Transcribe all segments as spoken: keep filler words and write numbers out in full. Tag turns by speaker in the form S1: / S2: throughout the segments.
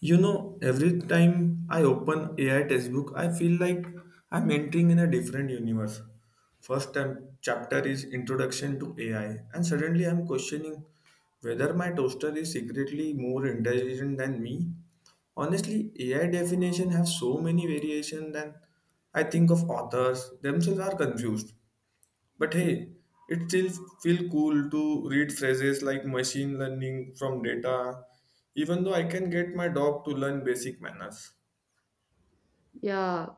S1: You know, every time I open A I textbook, I feel like I'm entering in a different universe. First time chapter is introduction to A I, and suddenly I'm questioning whether my toaster is secretly more intelligent than me. Honestly, A I definition have so many variation that I think of authors themselves are confused. But hey, it still feel cool to read phrases like machine learning from data, even though I can get my dog to learn basic manners.
S2: Yeah,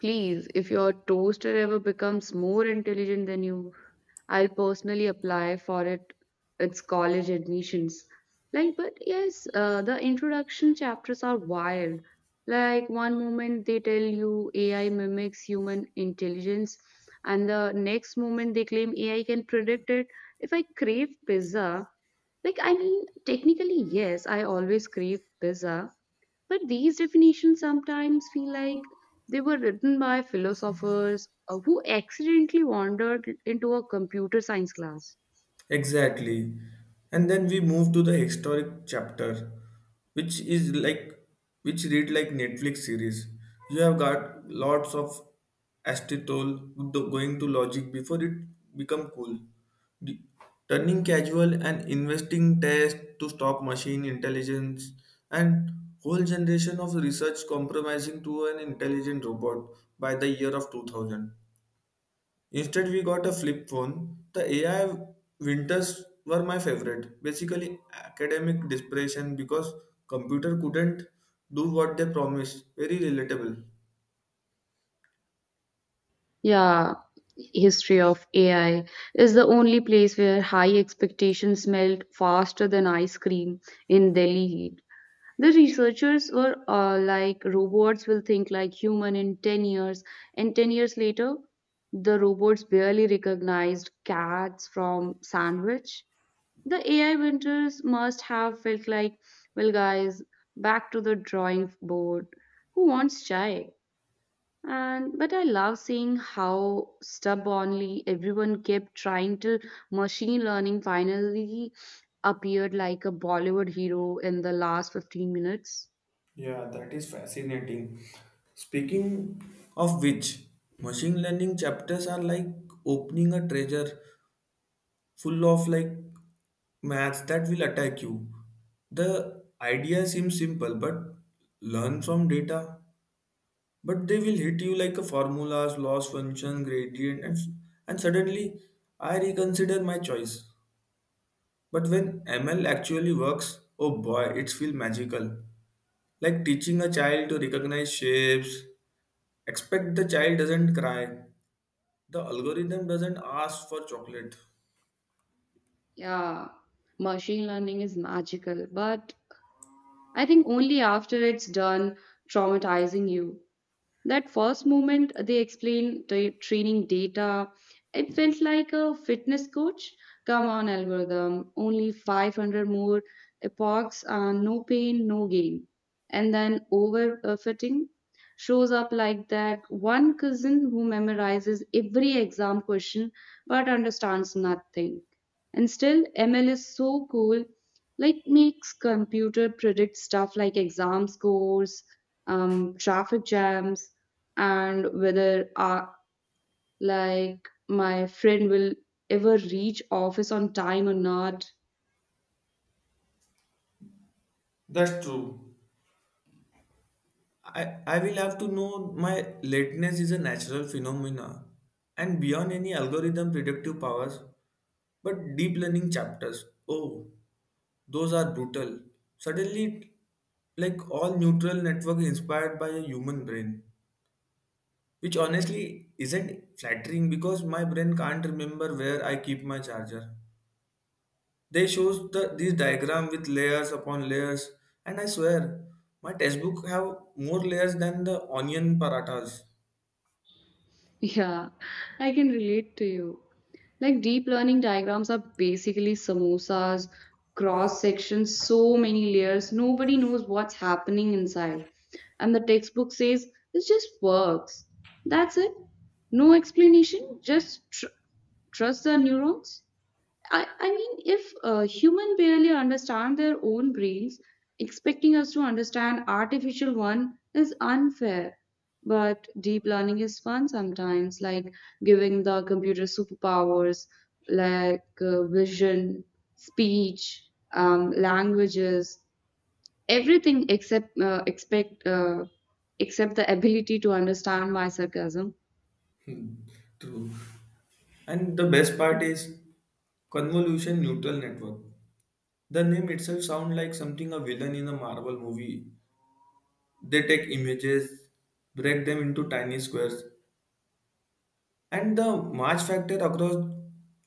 S2: please, if your toaster ever becomes more intelligent than you, I'll personally apply for it. It's college admissions. Like, but yes, uh, the introduction chapters are wild. Like, one moment they tell you A I mimics human intelligence, and the next moment they claim A I can predict it. If I crave pizza, like, I mean, technically, yes, I always crave pizza, but these definitions sometimes feel like they were written by philosophers uh, who accidentally wandered into a computer science class.
S1: Exactly. And then we move to the historic chapter, which is like which read like Netflix series. You have got lots of acetal going to logic before it become cool. D- Turning casual and investing test to stop machine intelligence and whole generation of research compromising to an intelligent robot by the year of two thousand. Instead, we got a flip phone. The A I winters were my favorite. Basically, academic depression because computer couldn't do what they promised. Very relatable.
S2: Yeah, history of A I is the only place where high expectations melt faster than ice cream in Delhi heat. The researchers were uh, like robots will think like human in ten years and ten years later the robots barely recognized cats from sandwich. The A I winters must have felt like, well, guys, back to the drawing board. Who wants chai? And but I love seeing how stubbornly everyone kept trying till machine learning finally appeared like a Bollywood hero in the last fifteen minutes.
S1: Yeah, that is fascinating. Speaking of which, machine learning chapters are like opening a treasure full of like maths that will attack you. The idea seems simple, but learn from data but they will hit you like a formulas, loss function, gradient, and, and suddenly I reconsider my choice. But when M L actually works, oh boy, it feels magical. Like teaching a child to recognize shapes. Expect the child doesn't cry. The algorithm doesn't ask for chocolate.
S2: Yeah, machine learning is magical, but I think only after it's done traumatizing you. That first moment they explained the training data, it felt like a fitness coach. Come on, algorithm, only five hundred more epochs, uh, no pain, no gain. And then overfitting shows up like that one cousin who memorizes every exam question but understands nothing. And still, M L is so cool, like makes computer predict stuff like exam scores, um, traffic jams, and whether uh, like my friend will ever reach office on time or not.
S1: That's true. I, I will have to know my lateness is a natural phenomena and beyond any algorithm predictive powers, but deep learning chapters. Oh, those are brutal. Suddenly, like all neutral network is inspired by a human brain, which honestly isn't flattering because my brain can't remember where I keep my charger. They shows the this diagram with layers upon layers, and I swear my textbook have more layers than the onion parathas.
S2: Yeah, I can relate to you, like deep learning diagrams are basically samosas cross sections, so many layers nobody knows what's happening inside. And the textbook says it just works. That's it. No explanation, just tr- trust the neurons. I, I mean, if uh, human barely understand their own brains, expecting us to understand artificial one is unfair. But deep learning is fun sometimes, like giving the computer superpowers like uh, vision, speech, um, languages, everything except uh, expect uh, except the ability to understand my sarcasm.
S1: Hmm, true. And the best part is convolution neutral network. The name itself sounds like something a villain in a Marvel movie. They take images, break them into tiny squares, and the march factor across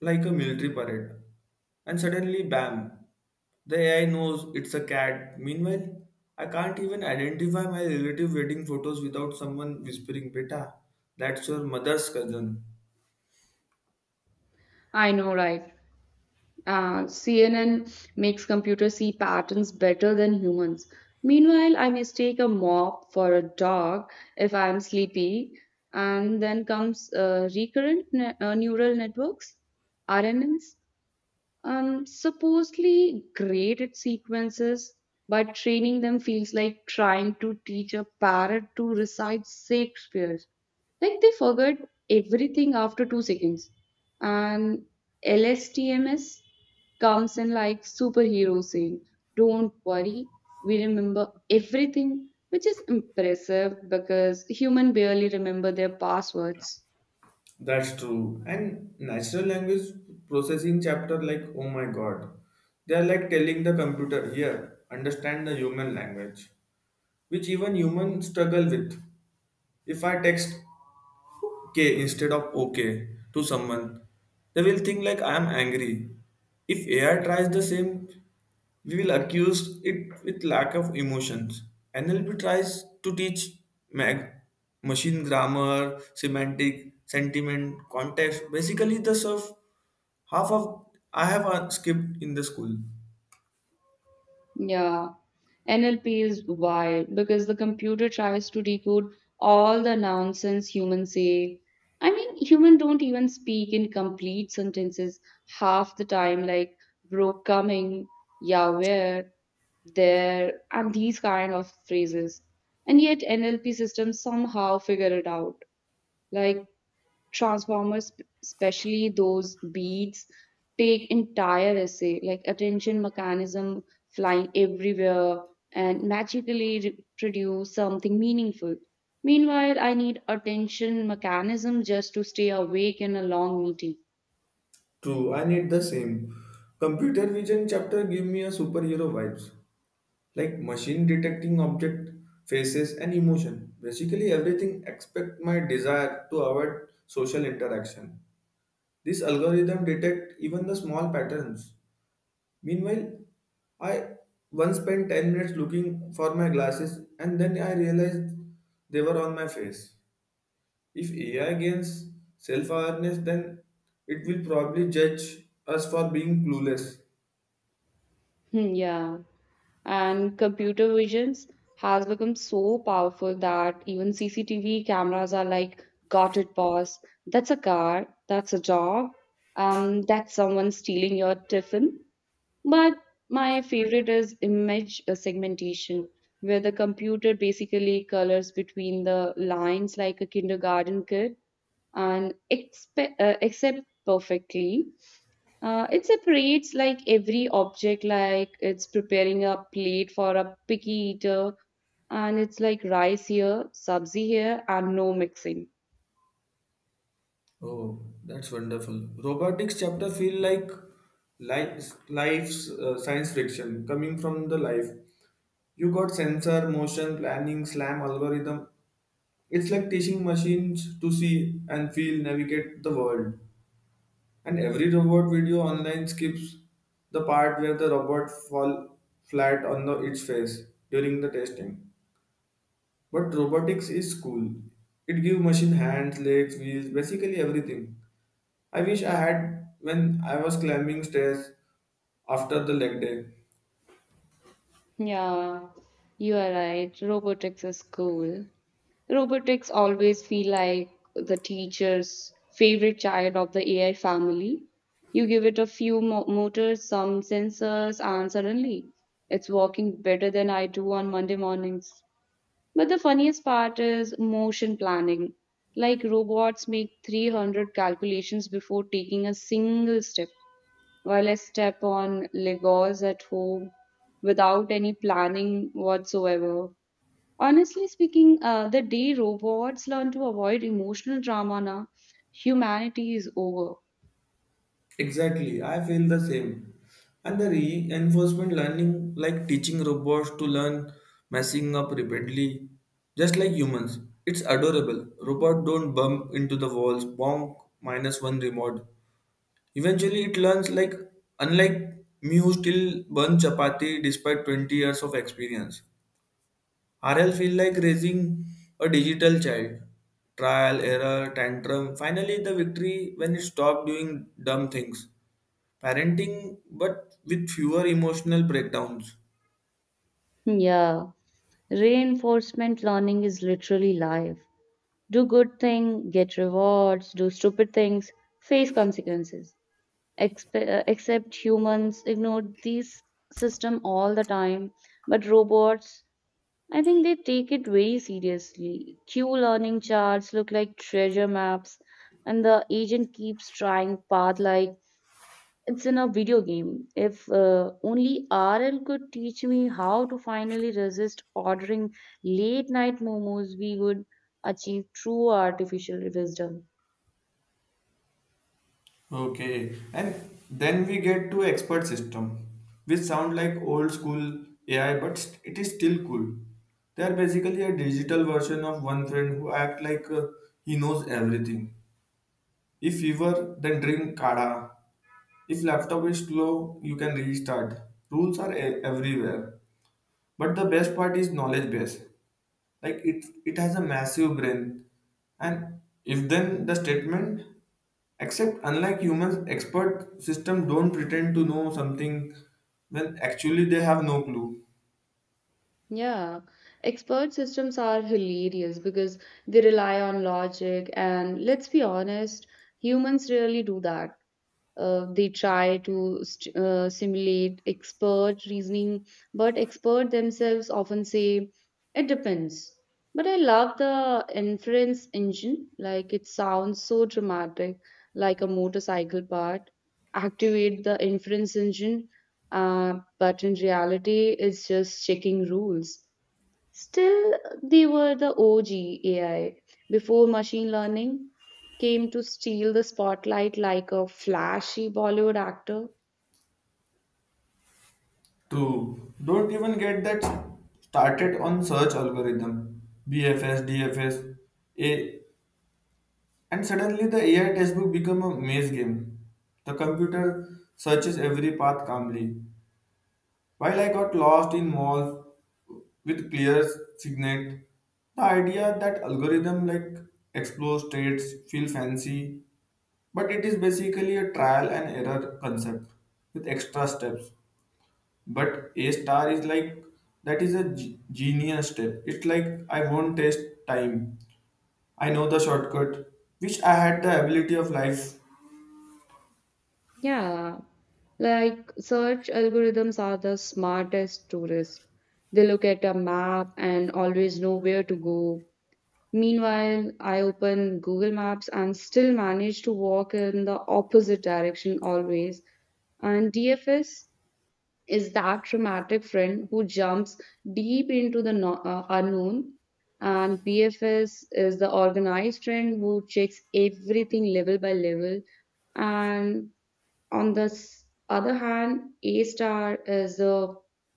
S1: like a military parade. And suddenly, bam, the A I knows it's a cat. Meanwhile, I can't even identify my relative wedding photos without someone whispering, "Beta, that's your mother's cousin."
S2: I know, right? Uh, C N N makes computers see patterns better than humans. Meanwhile, I mistake a mop for a dog if I am sleepy. And then comes uh, recurrent ne- uh, neural networks, R N Ns, um, supposedly great at sequences, but training them feels like trying to teach a parrot to recite Shakespeare. Like they forgot everything after two seconds. And L S T M S comes in like superhero saying, don't worry, we remember everything, which is impressive because human barely remember their passwords.
S1: That's true. And natural language processing chapter, like, oh my god. They are like telling the computer, "Here, understand the human language," which even humans struggle with. If I text okay instead of okay to someone, they will think like I am angry. If A I tries the same, we will accuse it with lack of emotions. N L P tries to teach mag- machine grammar, semantic, sentiment, context, basically the stuff half of I have uh, skipped in the school.
S2: Yeah, N L P is wild because the computer tries to decode all the nonsense humans say. I mean, humans don't even speak in complete sentences half the time, like bro coming, yeah, where, there, and these kind of phrases. And yet, N L P systems somehow figure it out. Like, transformers, especially those beats, take entire essay, like attention mechanism flying everywhere and magically re- produce something meaningful. Meanwhile, I need attention mechanism just to stay awake in a long meeting.
S1: True, I need the same. Computer vision chapter give me a superhero vibes. Like machine detecting object faces and emotion. Basically everything except my desire to avoid social interaction. This algorithm detect even the small patterns. Meanwhile, I once spent 10 minutes looking for my glasses and then I realized they were on my face. If A I gains self awareness, then it will probably judge us for being clueless.
S2: Hmm, yeah. And computer visions has become so powerful that even C C T V cameras are like, got it, boss. That's a car. That's a job. Um, that's someone stealing your tiffin. But my favorite is image uh, segmentation, where the computer basically colors between the lines like a kindergarten kid and expe- uh, accept perfectly. Uh, it separates like every object, like it's preparing a plate for a picky eater, and it's like rice here, sabzi here, and no mixing.
S1: Oh, that's wonderful. Robotics chapter feel like life, life's uh, science fiction coming from the life. You got sensor, motion, planning, slam, algorithm. It's like teaching machines to see and feel, navigate the world. And every robot video online skips the part where the robot fall flat on the, its face during the testing. But robotics is cool. It gives machine hands, legs, wheels, basically everything. I wish I had when I was climbing stairs after the leg day.
S2: Yeah, you are right. Robotics is cool. Robotics always feel like the teacher's favorite child of the A I family. You give it a few mo- motors, some sensors, and suddenly it's working better than I do on Monday mornings. But the funniest part is motion planning. Like robots make three hundred calculations before taking a single step, while I step on Legos at home without any planning whatsoever. Honestly speaking, uh, the day robots learn to avoid emotional drama, na, humanity is over.
S1: Exactly, I feel the same. And the reinforcement learning, like teaching robots to learn messing up repeatedly, just like humans. It's adorable. Robot don't bump into the walls, bonk, minus one remote. Eventually, it learns like, unlike me who still burn chapati despite 20 years of experience. R L feel like raising a digital child. Trial, error, tantrum. Finally, the victory when you stop doing dumb things. Parenting, but with fewer emotional breakdowns.
S2: Yeah, reinforcement learning is literally life. Do good thing, get rewards, do stupid things, face consequences. Expe- uh, except humans ignored these system all the time, but robots, I think they take it very seriously. Q learning charts look like treasure maps, and the agent keeps trying path like it's in a video game. If uh, only RL could teach me how to finally resist ordering late night momos, we would achieve true artificial wisdom.
S1: Okay, and then we get to expert system, which sound like old school A I, but st- it is still cool. They are basically a digital version of one friend who act like uh, he knows everything. If fever, then drink kada. If laptop is slow, you can restart. Rules are e- everywhere. But the best part is knowledge base. Like it it has a massive brain. And if then the statement except unlike humans, expert system don't pretend to know something when actually they have no clue.
S2: Yeah, expert systems are hilarious because they rely on logic, and let's be honest, humans really do that. Uh, they try to st uh, simulate expert reasoning, but expert themselves often say it depends. But I love the inference engine, like it sounds so dramatic, like a motorcycle part. Activate the inference engine, uh, but in reality, it's just checking rules. Still, they were the O G A I before machine learning came to steal the spotlight like a flashy Bollywood actor.
S1: True. Don't even get that started on search algorithm. B F S D F S A. And suddenly the A I textbook become a maze game. The computer searches every path calmly. While I got lost in malls with clear signet, the idea that algorithm like explore states feel fancy, but it is basically a trial and error concept with extra steps. But A star is like that is a ge- genius step. It's like I won't waste time. I know the shortcut, which I had the ability of life.
S2: Yeah, like search algorithms are the smartest tourists. They look at a map and always know where to go. Meanwhile, I open Google Maps and still manage to walk in the opposite direction always. And D F S? Is that dramatic friend who jumps deep into the no- uh, unknown, and B F S is the organized friend who checks everything level by level. And on the s- other hand, A star is the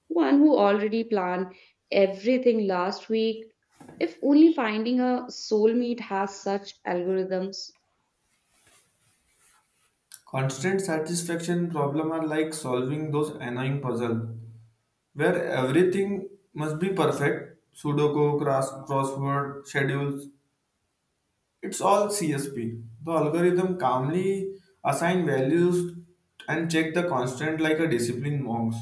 S2: one who already planned everything last week. If only finding a soulmate has such algorithms.
S1: Constant satisfaction problem are like solving those annoying puzzle where everything must be perfect. Sudoku, cross, crossword, schedules, it's all C S P. The algorithm calmly assign values and check the constant like a disciplined monks.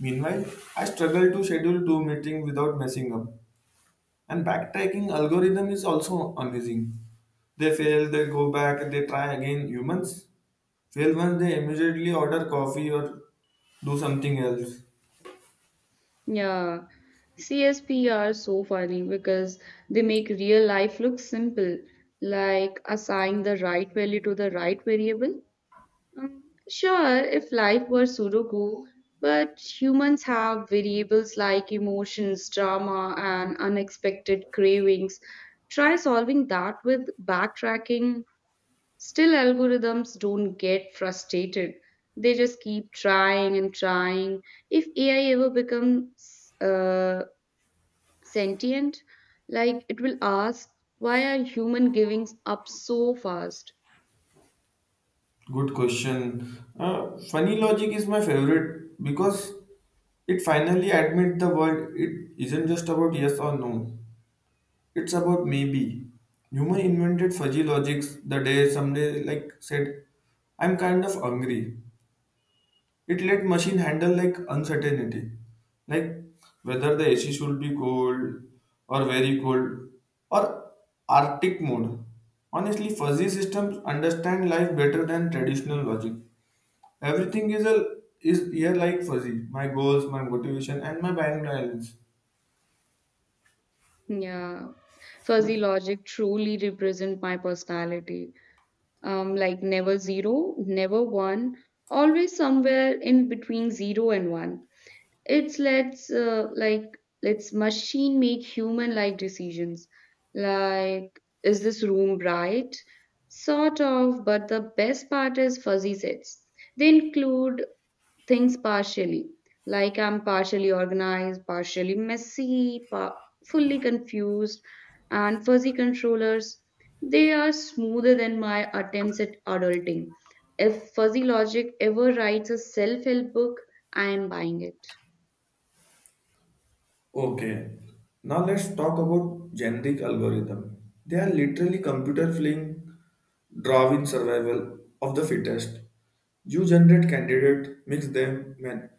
S1: Meanwhile, I struggle to schedule two meetings without messing up. And backtracking algorithm is also amazing. They fail, they go back, they try again. Humans well, once they immediately order coffee or do something else.
S2: Yeah, C S P are so funny because they make real life look simple, like assigning the right value to the right variable. Sure, if life were Sudoku, but humans have variables like emotions, drama, and unexpected cravings. Try solving that with backtracking. Still, algorithms don't get frustrated. They just keep trying and trying. If A I ever becomes uh, sentient, like it will ask, why are human giving up so fast?
S1: Good question. Uh, funny logic is my favorite because it finally admits the world. It isn't just about yes or no. It's about maybe. Human invented fuzzy logics the day someday like said, "I'm kind of hungry," it let machine handle like uncertainty like whether the ac should be cold or very cold or arctic mode. Honestly, fuzzy systems understand life better than traditional logic. Everything is a is here like fuzzy, my goals, my motivation, and my bank balance.
S2: Yeah, fuzzy logic truly represent my personality, um, like never zero, never one, always somewhere in between zero and one. It's let's uh, like let's machine make human like decisions, like is this room bright? Sort of. But the best part is fuzzy sets. They include things partially. Like I'm partially organized, partially messy, pa- fully confused, and fuzzy controllers. They are smoother than my attempts at adulting. If Fuzzy Logic ever writes a self help book, I am buying it.
S1: Okay, now let's talk about generic algorithm. They are literally computer playing drawing survival of the fittest. You generate candidate, mix them, man,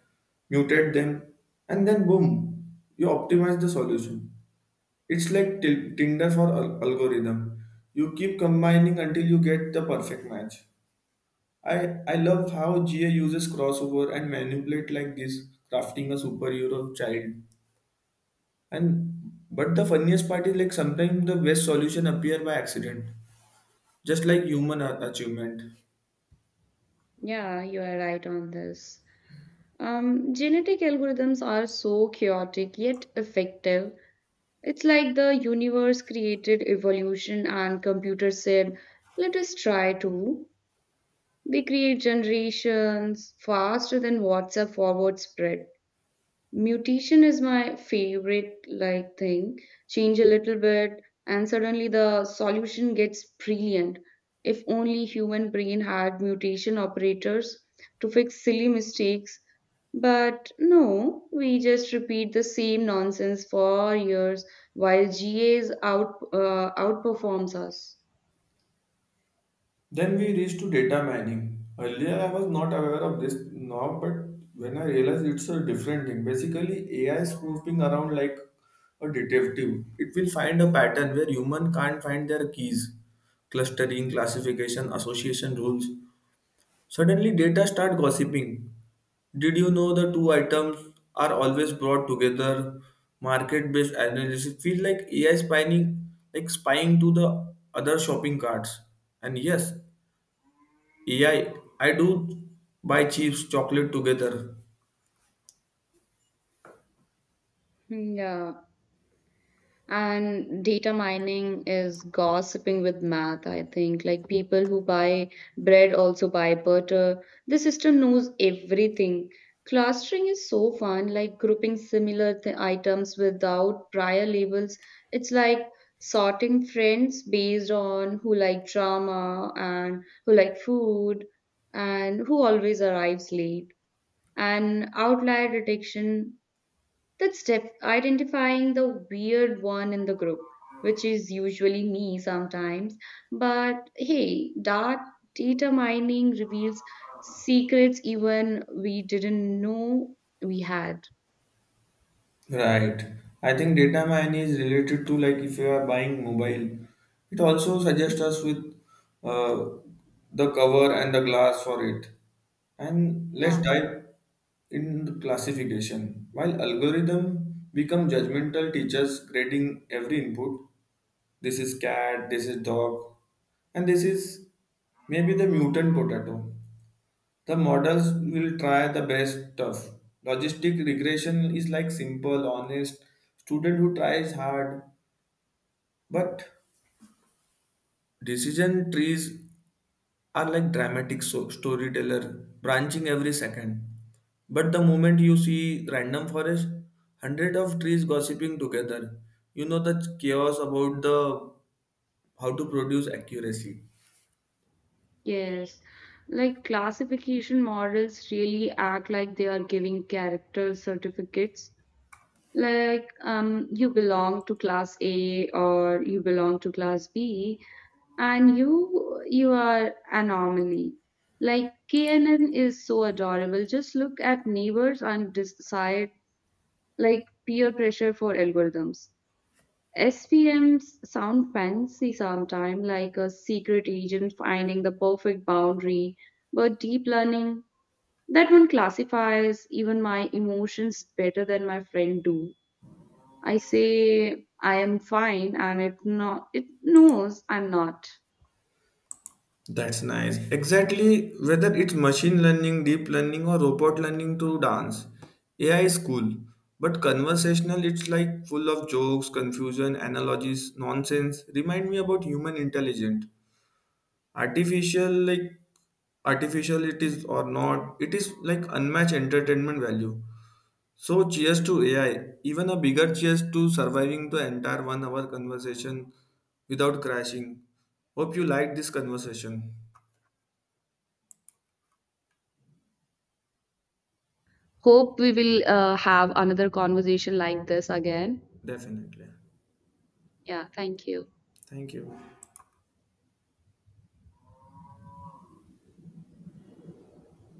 S1: mutate them, and then boom, you optimize the solution. It's like til- Tinder for al- algorithm. You keep combining until you get the perfect match. I, I love how G A uses crossover and manipulate like this, crafting a superhero child, and but the funniest part is like sometimes the best solution appear by accident, just like human a- achievement.
S2: Yeah, you are right on this. Um, genetic algorithms are so chaotic yet effective. It's like the universe created evolution and computer said, let us try to. They create generations faster than WhatsApp forward spread. Mutation is my favorite like thing. Change a little bit and suddenly the solution gets brilliant. If only human brain had mutation operators to fix silly mistakes. But no, we just repeat the same nonsense for years while G As out uh, outperforms us.
S1: Then we reach to data mining. Earlier I was not aware of this now, but when I realized it's a different thing. Basically, A I is snooping around like a detective. It will find a pattern where human can't find their keys, clustering, classification, association rules. Suddenly, data start gossiping. Did you know the two items are always brought together? Market-based analysis feels like A I spying, like spying to the other shopping carts. And yes, A I, I I do buy chips chocolate together.
S2: Hmm, yeah. And data mining is gossiping with math, I think. Like people who buy bread also buy butter. The system knows everything. Clustering is so fun, like grouping similar th- items without prior labels. It's like sorting friends based on who like drama and who like food and who always arrives late. And outlier detection, that's step identifying the weird one in the group, which is usually me sometimes. But hey, that data mining reveals secrets even we didn't know we had.
S1: Right. I think data mining is related to like if you are buying mobile, it also suggests us with uh, the cover and the glass for it. And let's
S2: Yeah,
S1: dive in the classification. While algorithm become judgmental teachers grading every input, this is cat, this is dog, and this is maybe the mutant potato. The models will try the best stuff. Logistic regression is like simple, honest student who tries hard. But decision trees are like dramatic so- storyteller, branching every second. But the moment you see random forest, hundred of trees gossiping together, you know the chaos about the how to produce accuracy.
S2: yes. Like classification models really act like they are giving character certificates, like um, you belong to class A or you belong to class B, and you you are anomaly. Like K N N is so adorable. Just look at neighbors and decide, like peer pressure for algorithms. S V Ms sound fancy sometimes, like a secret agent finding the perfect boundary, but deep learning, that one classifies even my emotions better than my friend do. I say I am fine and it not it knows I'm not.
S1: That's nice. Exactly, whether it's machine learning, deep learning, or robot learning to dance, A I is cool. But conversational, it's like full of jokes, confusion, analogies, nonsense. Remind me about human intelligence. Artificial, like artificial it is or not, it is like unmatched entertainment value. So cheers to A I. Even a bigger cheers to surviving the entire one hour conversation without crashing. Hope you liked this conversation.
S2: Hope we will uh, have another conversation like this again.
S1: Definitely.
S2: Yeah, thank you.
S1: Thank you.